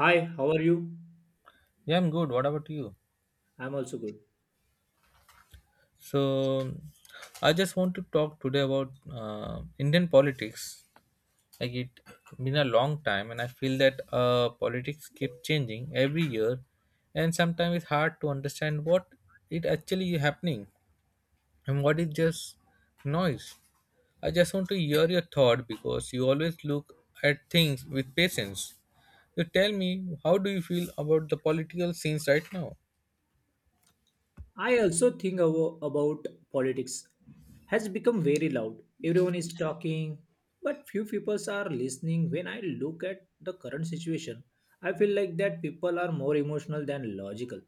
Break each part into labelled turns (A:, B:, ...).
A: Hi, how are you?
B: Yeah, I'm good. What about you?
A: I'm also good.
B: So, I just want to talk today about Indian politics. Like it been a long time, and I feel that politics keep changing every year, and sometimes it's hard to understand what it actually is happening and what is just noise. I just want to hear your thought because you always look at things with patience. You tell me, how do you feel about the political scenes right now?
A: I also think about politics has become very loud. Everyone is talking, but few people are listening. When I look at the current situation, I feel like that people are more emotional than logical.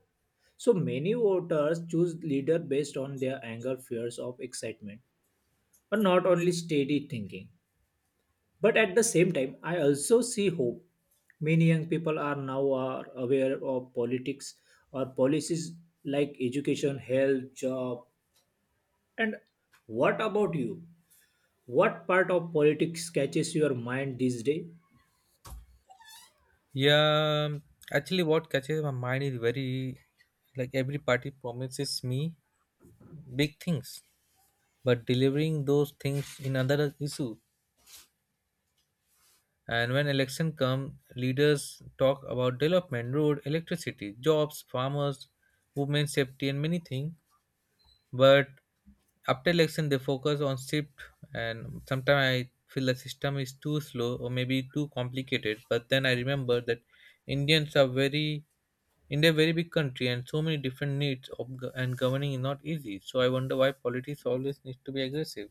A: So many voters choose leader based on their anger, fears of excitement, but not only steady thinking. But at the same time, I also see hope. Many young people are now are aware of politics or policies like education, health, job. And what about you? What part of politics catches your mind these days?
B: Yeah, um, Actually, what catches my mind is very like every party promises me big things, but delivering those things in another issue. And when election come, leaders talk about development, road, electricity, jobs, farmers, women safety, and many things. But after election they focus on shift, and sometimes I feel the system is too slow or maybe too complicated. But then I remember that indians are very, india a very big country and so many different needs of, and governing is not easy. So I wonder why politics always needs to be aggressive.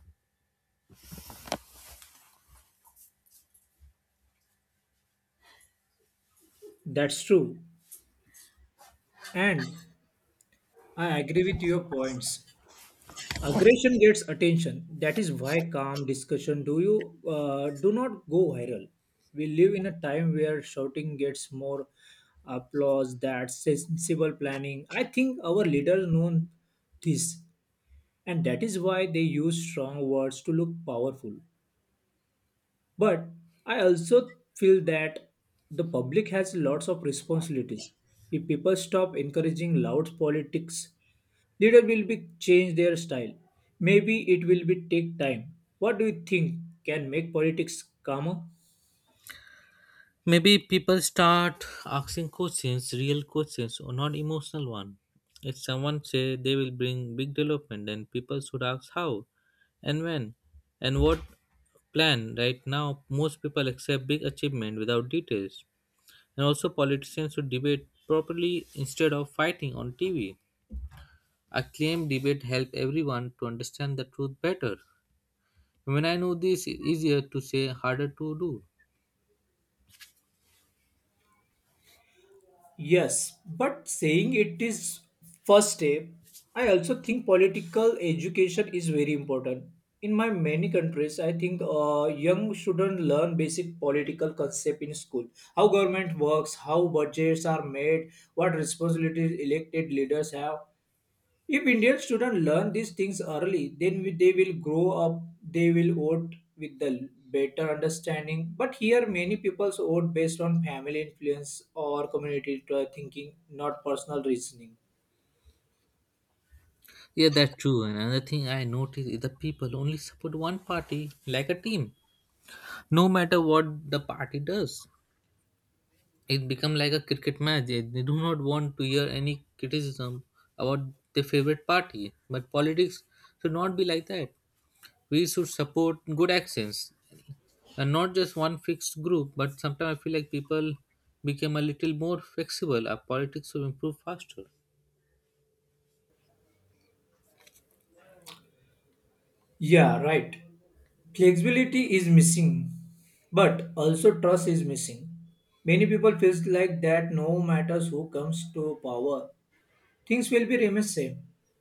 A: That's true. And I agree with your points. Aggression gets attention. That is why calm discussion do not go viral. We live in a time where shouting gets more applause than sensible planning. I think our leaders know this, and that is why they use strong words to look powerful. But I also feel that the public has lots of responsibilities. If people stop encouraging loud politics, leader will be change their style. Maybe it will be take time. What do you think can make politics calmer?
B: Maybe people start asking questions, real questions, or not emotional one. If someone say they will bring big development, then people should ask how and when and what plan. Right now most people accept big achievement without details. And also politicians should debate properly instead of fighting on TV. A claim debate help everyone to understand the truth better. When I know this, it's easier to say, harder to do.
A: Yes, but saying it is first step. I also think political education is very important. In my many countries, I think young students learn basic political concept in school, how government works, how budgets are made, what responsibilities elected leaders have. If Indian students learn these things early, then they will grow up, they will vote with the better understanding. But here, many people vote based on family influence or community thinking, not personal reasoning.
B: Yeah, that's true. And another thing I notice is the people only support one party like a team, no matter what the party does. It become like a cricket match. They do not want to hear any criticism about their favorite party. But politics should not be like that. We should support good actions and not just one fixed group. But sometimes I feel like people became a little more flexible. Our politics will improve faster.
A: Yeah, right. Flexibility is missing, but also trust is missing. Many people feels like that no matters who comes to power, things will be remain same.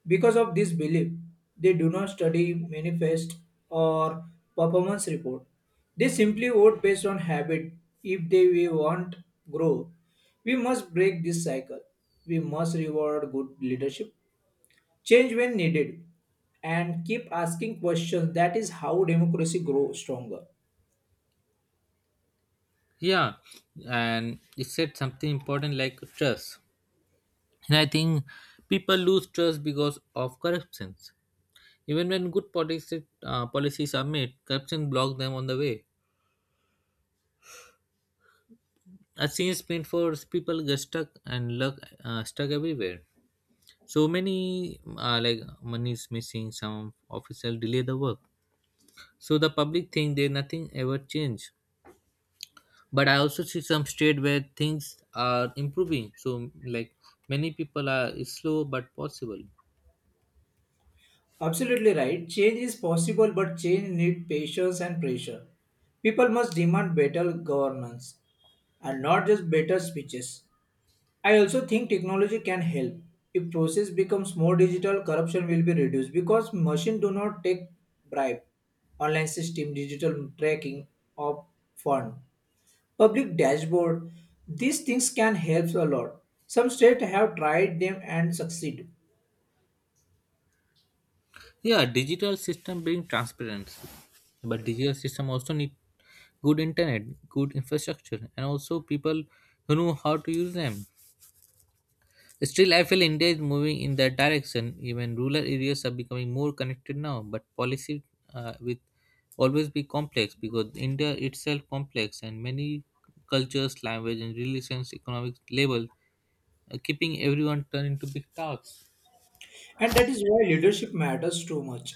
A: Because of this belief, they do not study manifest or performance report. They simply vote based on habit. If they we want grow, we must break this cycle. We must reward good leadership, change when needed, and keep asking questions. That is how democracy grows stronger.
B: Yeah, and it said something important like trust. And I think people lose trust because of corruptions. Even when good policy, policies are made, corruption blocks them on the way. I've seen sprint for people get stuck and luck, stuck everywhere. So many like money is missing. Some officials delay the work. So the public think they nothing ever change. But I also see some state where things are improving. So like many people are is slow but possible.
A: Absolutely right. Change is possible, but change needs patience and pressure. People must demand better governance, and not just better speeches. I also think technology can help. If process becomes more digital, corruption will be reduced because machine do not take bribe. Online system, digital tracking of fund, public dashboard. These things can help a lot. Some states have tried them and succeed.
B: Yeah, digital system bring transparency, but digital system also need good internet, good infrastructure, and also people who know how to use them. Still, I feel India is moving in that direction. Even rural areas are becoming more connected now, but policy will always be complex because India itself complex and many cultures, language, and relations, economic label, keeping everyone turned into big tasks.
A: And that is why leadership matters too much.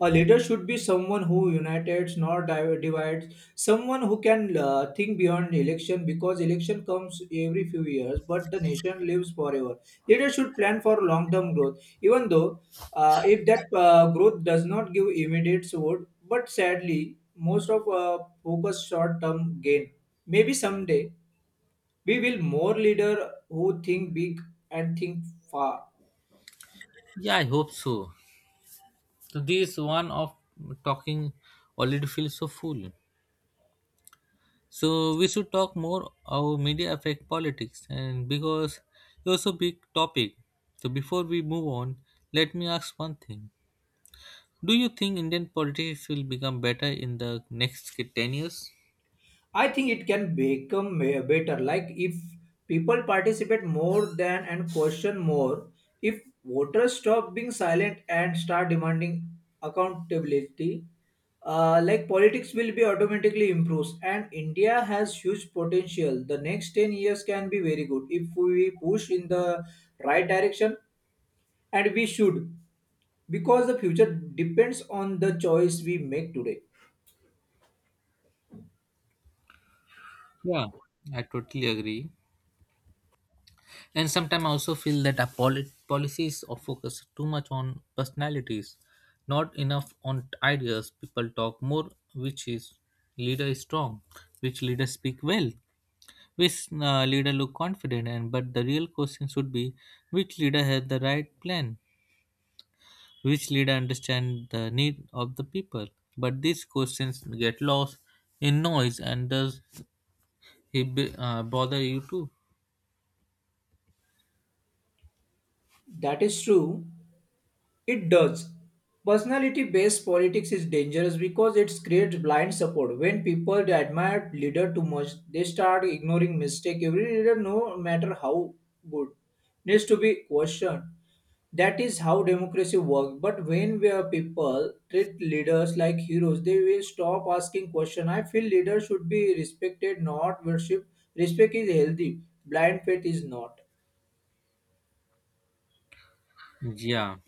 A: A leader should be someone who unites, not divides. Someone who can think beyond election because election comes every few years, but the nation lives forever. Leaders should plan for long-term growth, even though if that growth does not give immediate reward. But sadly, most of focus short-term gain. Maybe someday we will more leader who think big and think far.
B: Yeah, I hope so. So this one of talking already feels so full. So we should talk more how media affect politics and because it's a big topic. So before we move on, let me ask one thing. Do you think Indian politics will become better in the next 10 years?
A: I think it can become better. Like if people participate more than and question more, if voters stop being silent and start demanding accountability, like politics will be automatically improves. And India has huge potential. The next 10 years can be very good if we push in the right direction, and we should because the future depends on the choice we make today.
B: Yeah, I totally agree. And sometimes I also feel that our policies are focus too much on personalities, not enough on ideas. People talk more which is leader is strong, which leader speak well, which leader look confident. And but the real question should be which leader has the right plan, which leader understand the need of the people. But these questions get lost in noise, and does he bother you too?
A: That is true. It does. Personality based politics is dangerous because it creates blind support. When people admire leader too much, they start ignoring mistake. Every leader, no matter how good, needs to be questioned. That is how democracy works. But when we are people treat leaders like heroes, they will stop asking questions. I feel leaders should be respected, not worshipped. Respect is healthy. Blind faith is not.
B: Yeah.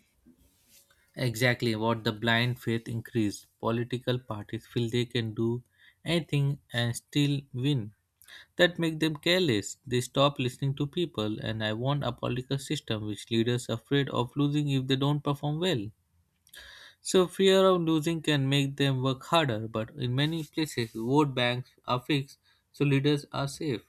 B: Exactly what the blind faith increased. Political parties feel they can do anything and still win. That make them careless. They stop listening to people, and I want a political system which leaders are afraid of losing if they don't perform well. So fear of losing can make them work harder, but in many places vote banks are fixed so leaders are safe.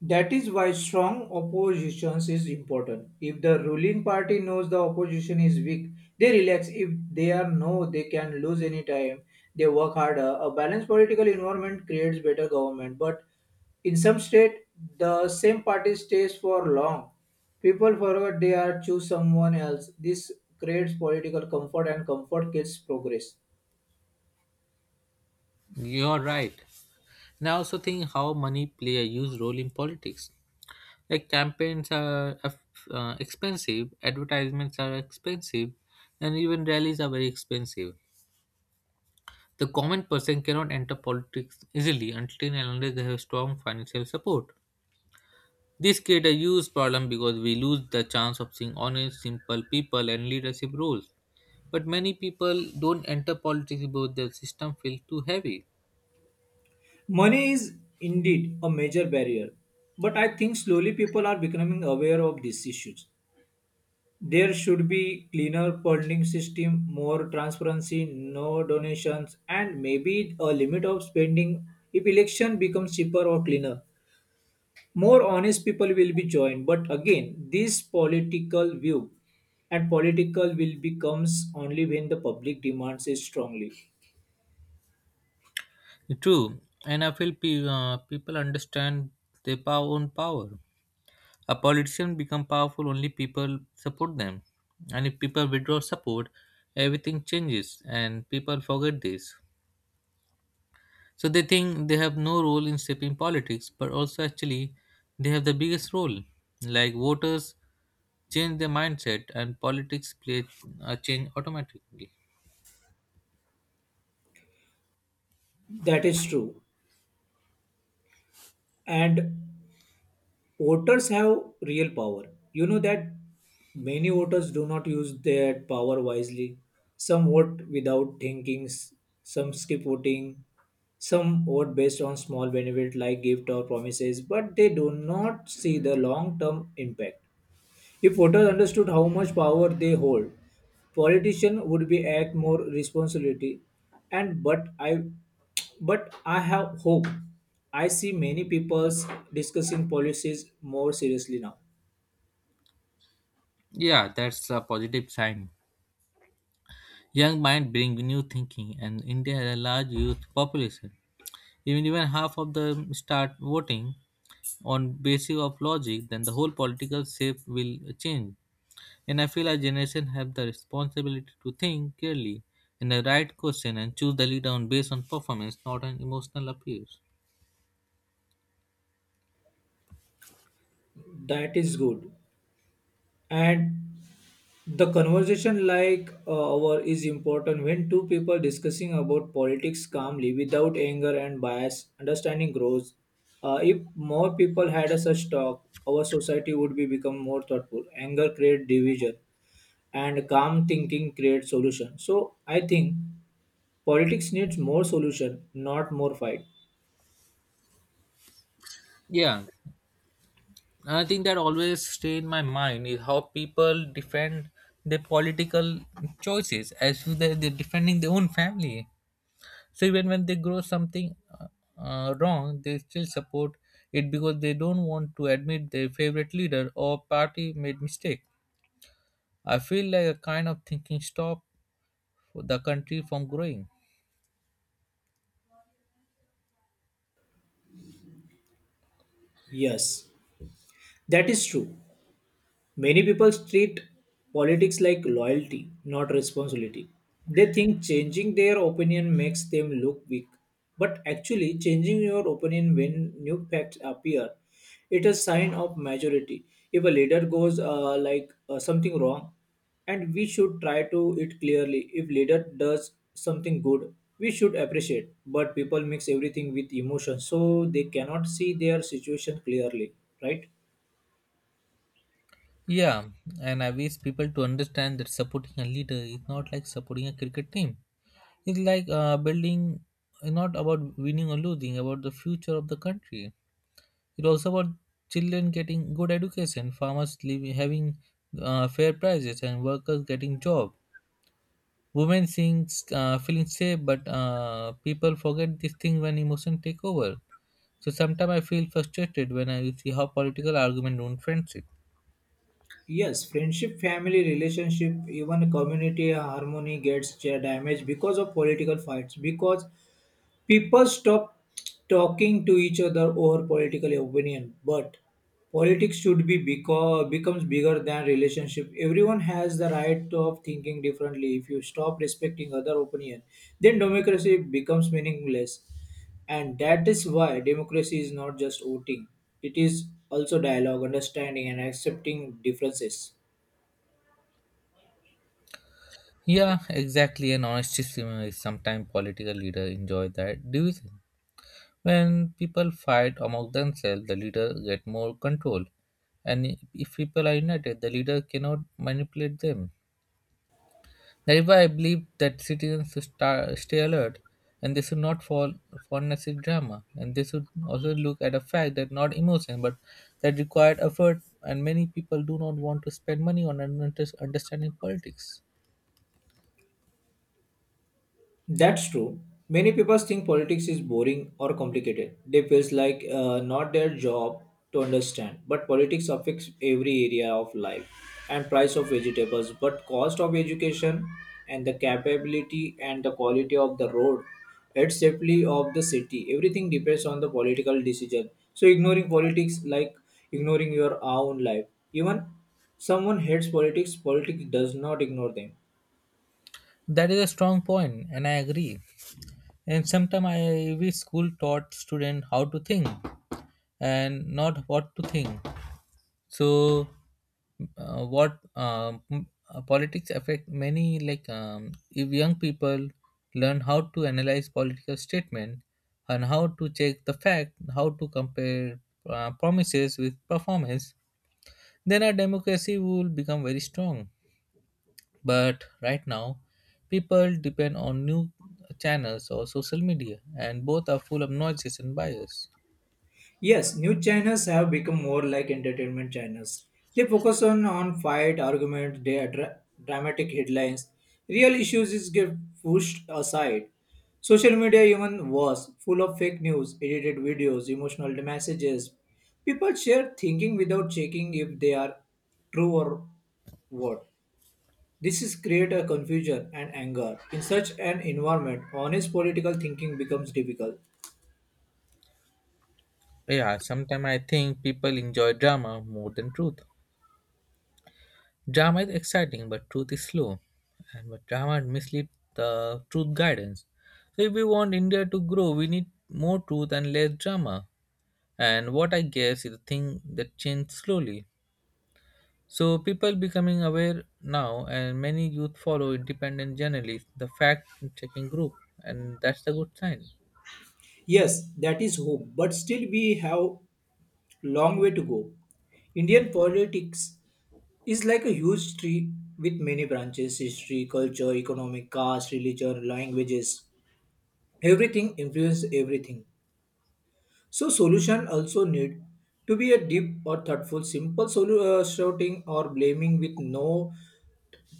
A: That is why strong opposition is important. If the ruling party knows the opposition is weak, they relax. If they are know they can lose any time, they work harder. A balanced political environment creates better government. But in some state, the same party stays for long. People forget they are choose someone else. This creates political comfort and comfort kills progress.
B: You're right. And I also think how money play a huge role in politics. Like campaigns are expensive, advertisements are expensive, and even rallies are very expensive. The common person cannot enter politics easily until and unless they have strong financial support. This creates a huge problem because we lose the chance of seeing honest, simple people and leadership roles. But many people don't enter politics because the system feels too heavy.
A: Money is indeed a major barrier, but I think slowly people are becoming aware of these issues. There should be cleaner funding system, more transparency, no donations, and maybe a limit of spending if election becomes cheaper or cleaner. More honest people will be joined, but again, this political view and political will becomes only when the public demands it strongly.
B: True, and I feel people understand their own power. A politician become powerful only people support them. And if people withdraw support, everything changes and people forget this. So they think they have no role in shaping politics, but also actually they have the biggest role. Like voters change their mindset and politics play a change automatically.
A: That is true. And voters have real power. You know that many voters do not use their power wisely. Some vote without thinking, some skip voting, some vote based on small benefit like gift or promises, but they do not see the long term impact. If voters understood how much power they hold, politicians would be act more responsibility. And but I, but I have hope. I see many people discussing policies more seriously now.
B: Yeah, that's a positive sign. Young mind bring new thinking and India has a large youth population. Even half of them start voting on basis of logic, then the whole political shape will change. And I feel our generation have the responsibility to think clearly in the right question and choose the leader on based on performance, not on emotional appeals.
A: That is good. And the conversation like our is important. When two people discussing about politics calmly without anger and bias, understanding grows. If more people had a such talk, our society would be become more thoughtful. Anger create division, and calm thinking create solution. So I think politics needs more solution, not more fight.
B: Yeah, I think that always stay in my mind is how people defend their political choices as if they're defending their own family. So even when they grow something wrong, they still support it because they don't want to admit their favorite leader or party made mistake. I feel like a kind of thinking stop the country from growing.
A: Yes, that is true. Many people treat politics like loyalty, not responsibility. They think changing their opinion makes them look weak. But actually, changing your opinion when new facts appear, it is sign of majority. If a leader goes like something wrong, and we should try to it clearly. If leader does something good, we should appreciate. But people mix everything with emotion, so they cannot see their situation clearly, right?
B: Yeah, and I wish people to understand that supporting a leader is not like supporting a cricket team. It's like building, not about winning or losing, about the future of the country. It's also about children getting good education, farmers living, having fair prices, and workers getting job. Women seeing, feeling safe, but people forget this thing when emotion take over. So sometimes I feel frustrated when I see how political argument ruin friendship.
A: Yes, friendship, family, relationship, even community harmony gets damaged because of political fights. Because people stop talking to each other over political opinion. But politics should be because becomes bigger than relationship. Everyone has the right of thinking differently. If you stop respecting other opinion, then democracy becomes meaningless. And that is why democracy is not just voting; it is also dialogue, understanding, and accepting differences.
B: Yeah, exactly. And honesty is sometimes political leader enjoy that division. When people fight among themselves, the leader get more control. And if people are united, the leader cannot manipulate them. That is why I believe that citizens should stay alert and they should not fall for necessary drama. And they should also look at a fact that not emotion, but that required effort. And many people do not want to spend money on understanding politics.
A: That's true. Many people think politics is boring or complicated. They feels like not their job to understand. But politics affects every area of life and price of vegetables, but cost of education and the capability and the quality of the road, and safety of the city. Everything depends on the political decision. So ignoring politics like ignoring your own life. Even someone hates politics, politics does not ignore them.
B: That is a strong point, and I agree. And sometimes I wish school taught students how to think and not what to think. So, what politics affect many like if young people learn how to analyze political statement and how to check the fact, how to compare promises with performance, then our democracy will become very strong. But right now, people depend on new channels or social media, and both are full of noises and bias.
A: Yes, news channels have become more like entertainment channels. They focus on fight, argument, they dramatic headlines. Real issues is get pushed aside. Social media even worse, full of fake news, edited videos, emotional messages. People share thinking without checking if they are true or what. This is create a confusion and anger. In such an environment, honest political thinking becomes difficult.
B: Yeah, sometimes I think people enjoy drama more than truth. Drama is exciting, but truth is slow, and but drama misleads the truth guidance. So if we want India to grow, we need more truth and less drama. And what I guess is a thing that changed slowly. So people becoming aware now, and many youth follow independent journalists, the fact-checking group, and that's the good sign.
A: Yes, that is hope, but still we have long way to go. Indian politics is like a huge tree with many branches history, culture, economic, caste, religion, languages. Everything influences everything. So, solution also need to be a deep or thoughtful, simple shouting or blaming with no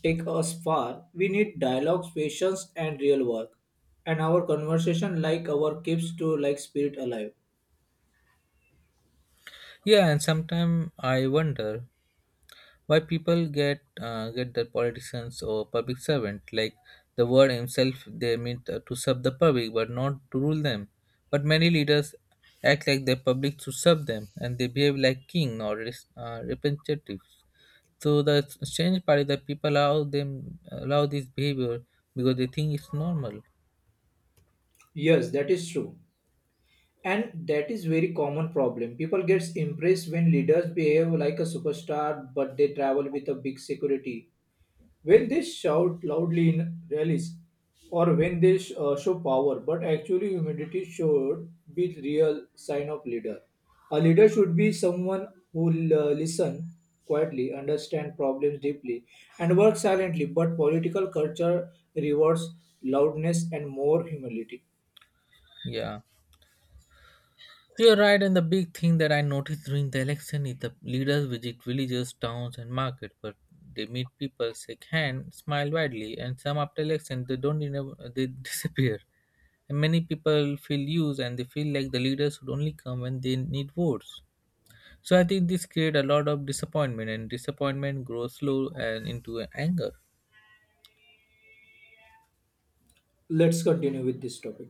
A: take us far. We need dialogues, patience, and real work. And our conversation like our keeps to like spirit alive.
B: Yeah, and sometimes I wonder why people get their politicians or public servant like the word himself they mean to serve the public but not to rule them. But many leaders act like the public to serve them and they behave like king or representatives. So the strange part is that people allow this behavior because they think it's normal.
A: Yes, that is true. And that is very common problem. People gets impressed when leaders behave like a superstar, but they travel with a big security, when they shout loudly in rallies, or when they show power. But actually humility should be the real sign of leader. A leader should be someone who listen quietly, understand problems deeply, and work silently. But political culture rewards loudness and more humility.
B: Yeah. You're right, and the big thing that I noticed during the election is the leaders visit villages, towns, and markets, but they meet people, shake hands, smile widely, and some after election they don't even, they disappear. And many people feel used, and they feel like the leaders should only come when they need votes. So I think this creates a lot of disappointment, and disappointment grows slow and into anger.
A: Let's continue with this topic.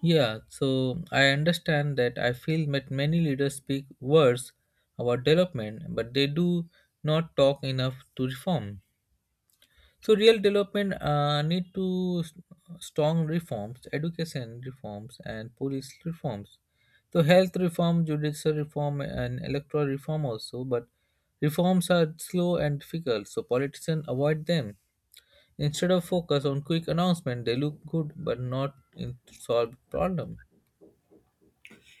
B: Yeah, so I understand that I feel that many leaders speak words about development, but they do not talk enough to reform. So real development need to strong reforms, education reforms, and police reforms. So health reform, judicial reform, and electoral reform also. But reforms are slow and difficult, so politicians avoid them. Instead of focus on quick announcement, they look good but not in solve problem.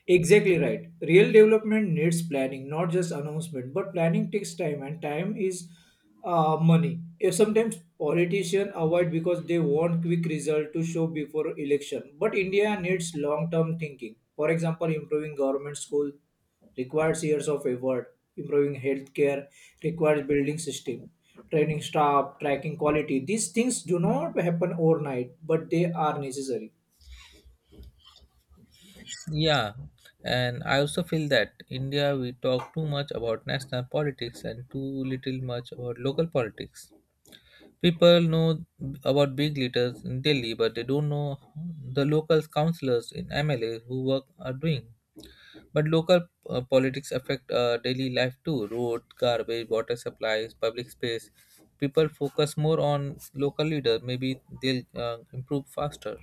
A: Exactly right. Real development needs planning, not just announcement. But planning takes time, and time is money. If sometimes politicians avoid because they want quick result to show before election. But India needs long-term thinking. For example, improving government school requires years of effort. Improving healthcare requires building system, training staff, tracking quality. These things do not happen overnight, but they are necessary.
B: Yeah, and I also feel that India we talk too much about national politics and too little much about local politics. People know about big leaders in Delhi, but they don't know the local councillors in MLA who work are doing. But local politics affect daily life too: road, garbage, water supplies, public space. People focus more on local leader. Maybe they'll improve faster.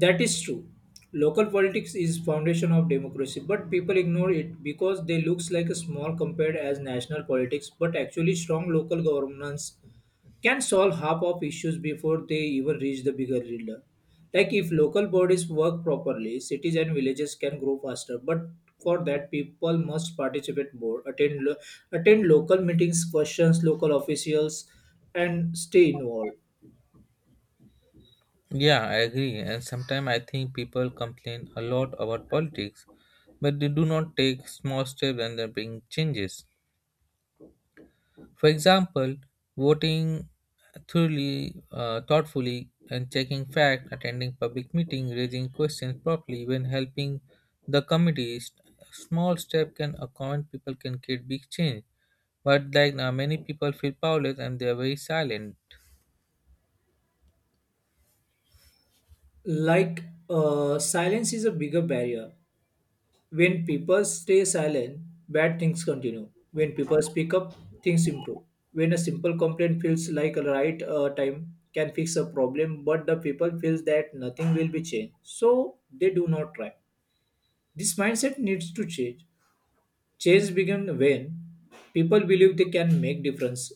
A: That is true. Local politics is foundation of democracy, but people ignore it because they looks like a small compared as national politics, but actually strong local governance can solve half of issues before they even reach the bigger leader. Like if local bodies work properly, cities and villages can grow faster, but for that people must participate more, attend local meetings, questions local officials and stay involved.
B: Yeah, I agree. And sometimes I think people complain a lot about politics, but they do not take small steps and they bring changes. For example, voting thoughtfully, and checking facts, attending public meetings, raising questions properly, even helping the committees. Small step can a common people can create big change. But like now, many people feel powerless and they are very silent.
A: Like silence is a bigger barrier. When people stay silent, bad things continue. When people speak up, things improve. When a simple complaint feels like a right time can fix a problem, but the people feels that nothing will be changed, so they do not try. This mindset needs to change. Change begins when people believe they can make difference.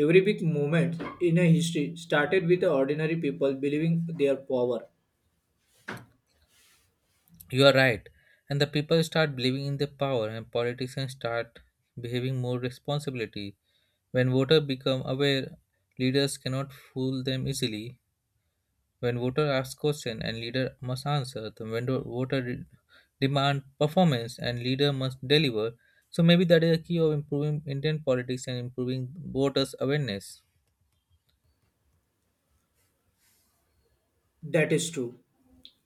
A: Every big movement in a history started with the ordinary people believing their power.
B: You are right. And the people start believing in their power and politicians start behaving more responsibility. When voters become aware, leaders cannot fool them easily. When voter asks question and leader must answer. Then when the demand performance and leader must deliver. So maybe that is a key of improving Indian politics and improving voters' awareness.
A: That is true.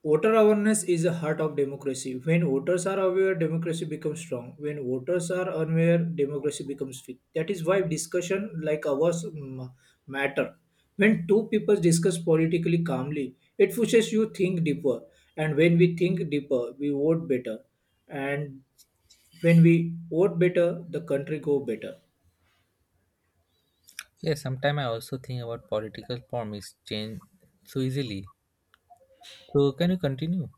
A: Voter awareness is the heart of democracy. When voters are aware, democracy becomes strong. When voters are unaware, democracy becomes weak. That is why discussion like ours matter. When two people discuss politically calmly, it pushes you think deeper. And when we think deeper, we vote better. And when we vote better, the country go better.
B: Yes, sometimes I also think about political promise change so easily. So can you continue?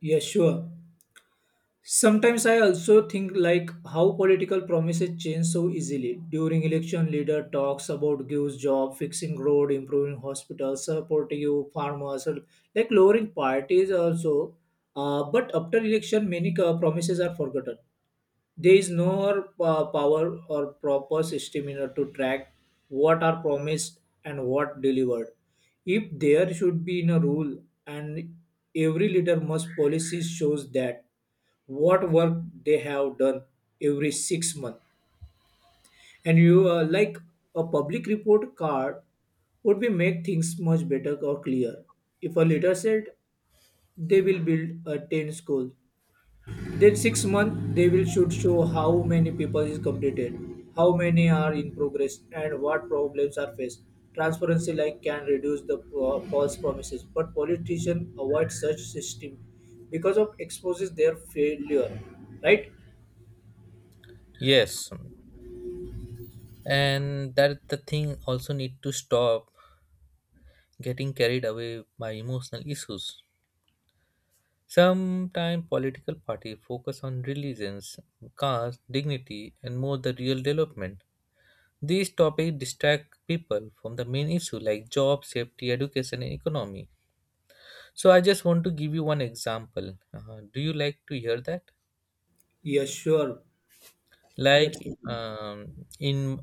A: Yes, sure. Sometimes I also think like how political promises change so easily. During election, leader talks about gives job, fixing road, improving hospitals, supporting you farmers, or like lowering parties also. But after election, many promises are forgotten. There is no power or proper system in order to track what are promised and what delivered. If there should be in a rule and every leader must policy shows that what work they have done every 6 months. And you like a public report card would be make things much better or clear. If a leader said they will build a 10 school, then 6 month they will should show how many people is completed, how many are in progress, and what problems are faced. Transparency like can reduce the false promises, but politicians avoid such system because of exposes their failure. Right?
B: Yes, and that the thing also need to stop getting carried away by emotional issues sometimes political party focus on religions caste dignity and more the real development. These topics distract people from the main issue like job safety education and economy. So I just want to give you one example. Do you like to hear that?
A: Yes, sure.
B: Like
A: Let's continue.
B: um, in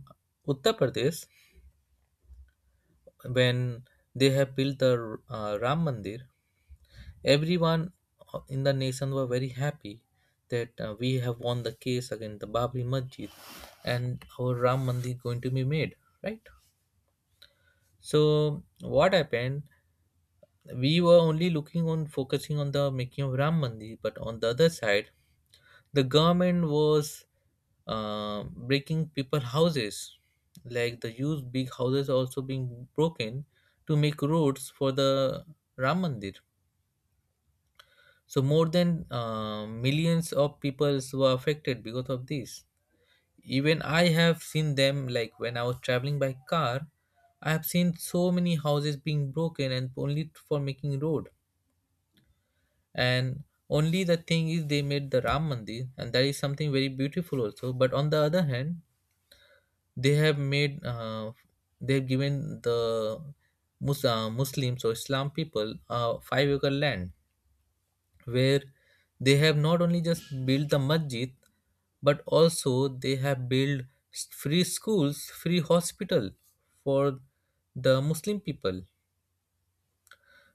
B: Uttar Pradesh when they have built the Ram Mandir, everyone in the nation were very happy that we have won the case against the Babri Masjid and our Ram Mandir going to be made, right? So what happened? We were only looking on focusing on the making of Ram Mandir, but on the other side, the government was breaking people houses, like the huge big houses also being broken to make roads for the Ram Mandir. So more than millions of people were affected because of this. Even I have seen them like when I was traveling by car, I have seen so many houses being broken and only for making road. And only the thing is they made the Ram Mandir and that is something very beautiful also. But on the other hand, they have made they have given the Muslims or Islam people 5 acre land where they have not only just built the masjid but also they have built free schools free hospital for the Muslim people.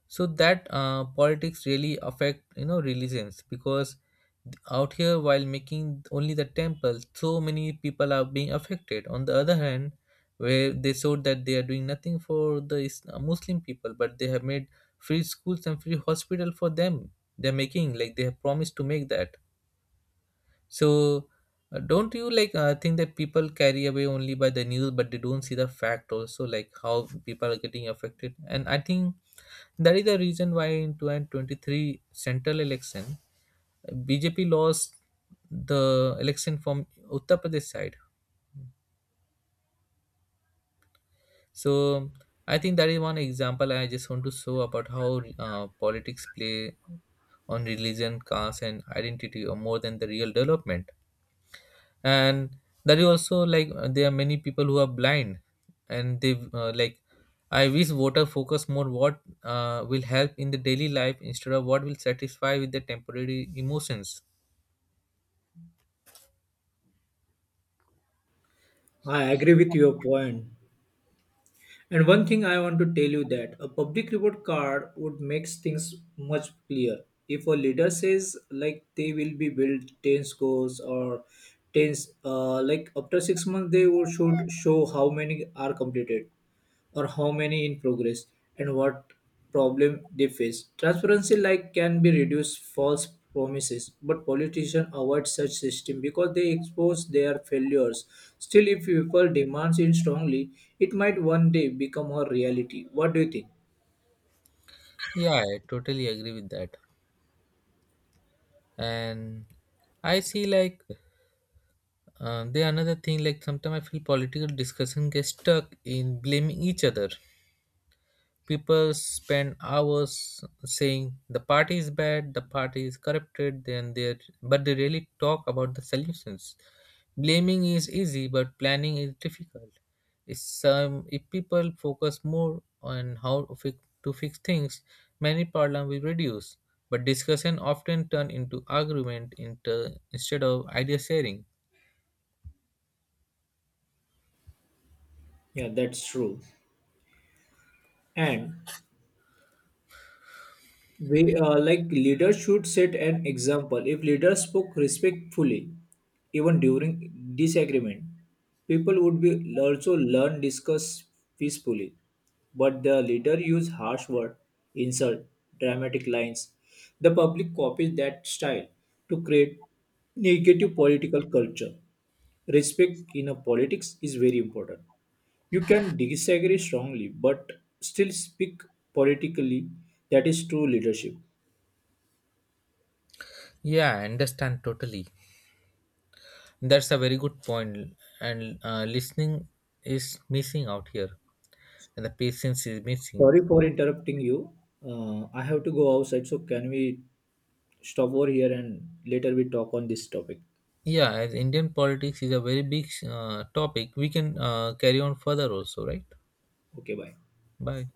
B: So that politics really affect you know religions because out here while making only the temple so many people are being affected. On the other hand, where they showed that they are doing nothing for the Muslim people, but they have made free schools and free hospital for them. They're making like they have promised to make that. So, don't you like think that people carry away only by the news, but they don't see the fact also, like how people are getting affected? And I think that is the reason why in 2023 central election, BJP lost the election from Uttar Pradesh side. So I think that is one example I just want to show about how politics play on religion, caste, and identity, or more than the real development. And that is also like there are many people who are blind and they like I wish voter focus more what will help in the daily life instead of what will satisfy with the temporary emotions.
A: I agree with your point. And one thing I want to tell you that a public report card would make things much clear. If a leader says like they will be built 10 scores or 10 like after 6 months they will should show how many are completed or how many in progress and what problem they face. Transparency like can be reduced false promises, but politicians avoid such system because they expose their failures. Still, if people demand it strongly, it might one day become a reality. What do you think?
B: Yeah, I totally agree with that. And I see like there another thing like sometimes I feel political discussion gets stuck in blaming each other. People spend hours saying the party is bad, the party is corrupted, then they but they really talk about the solutions. Blaming is easy, but planning is difficult. If some if people focus more on to fix things, many problems will reduce. But discussion often turn into argument, instead of idea sharing.
A: Yeah, that's true. And we like leaders should set an example. If leaders spoke respectfully even during disagreement, people would be also learn discuss peacefully. But the leader use harsh word, insult, dramatic lines. The public copies that style to create negative political culture. Respect in a politics is very important. You can disagree strongly, but still speak politically. That is true leadership.
B: Yeah, I understand totally. That's a very good point, and listening is missing out here. And the patience is missing.
A: Sorry for interrupting you. I have to go outside, so can we stop over here and later we talk on this topic.
B: Yeah, as Indian politics is a very big topic, we can carry on further also, right?
A: Okay, bye.
B: Bye.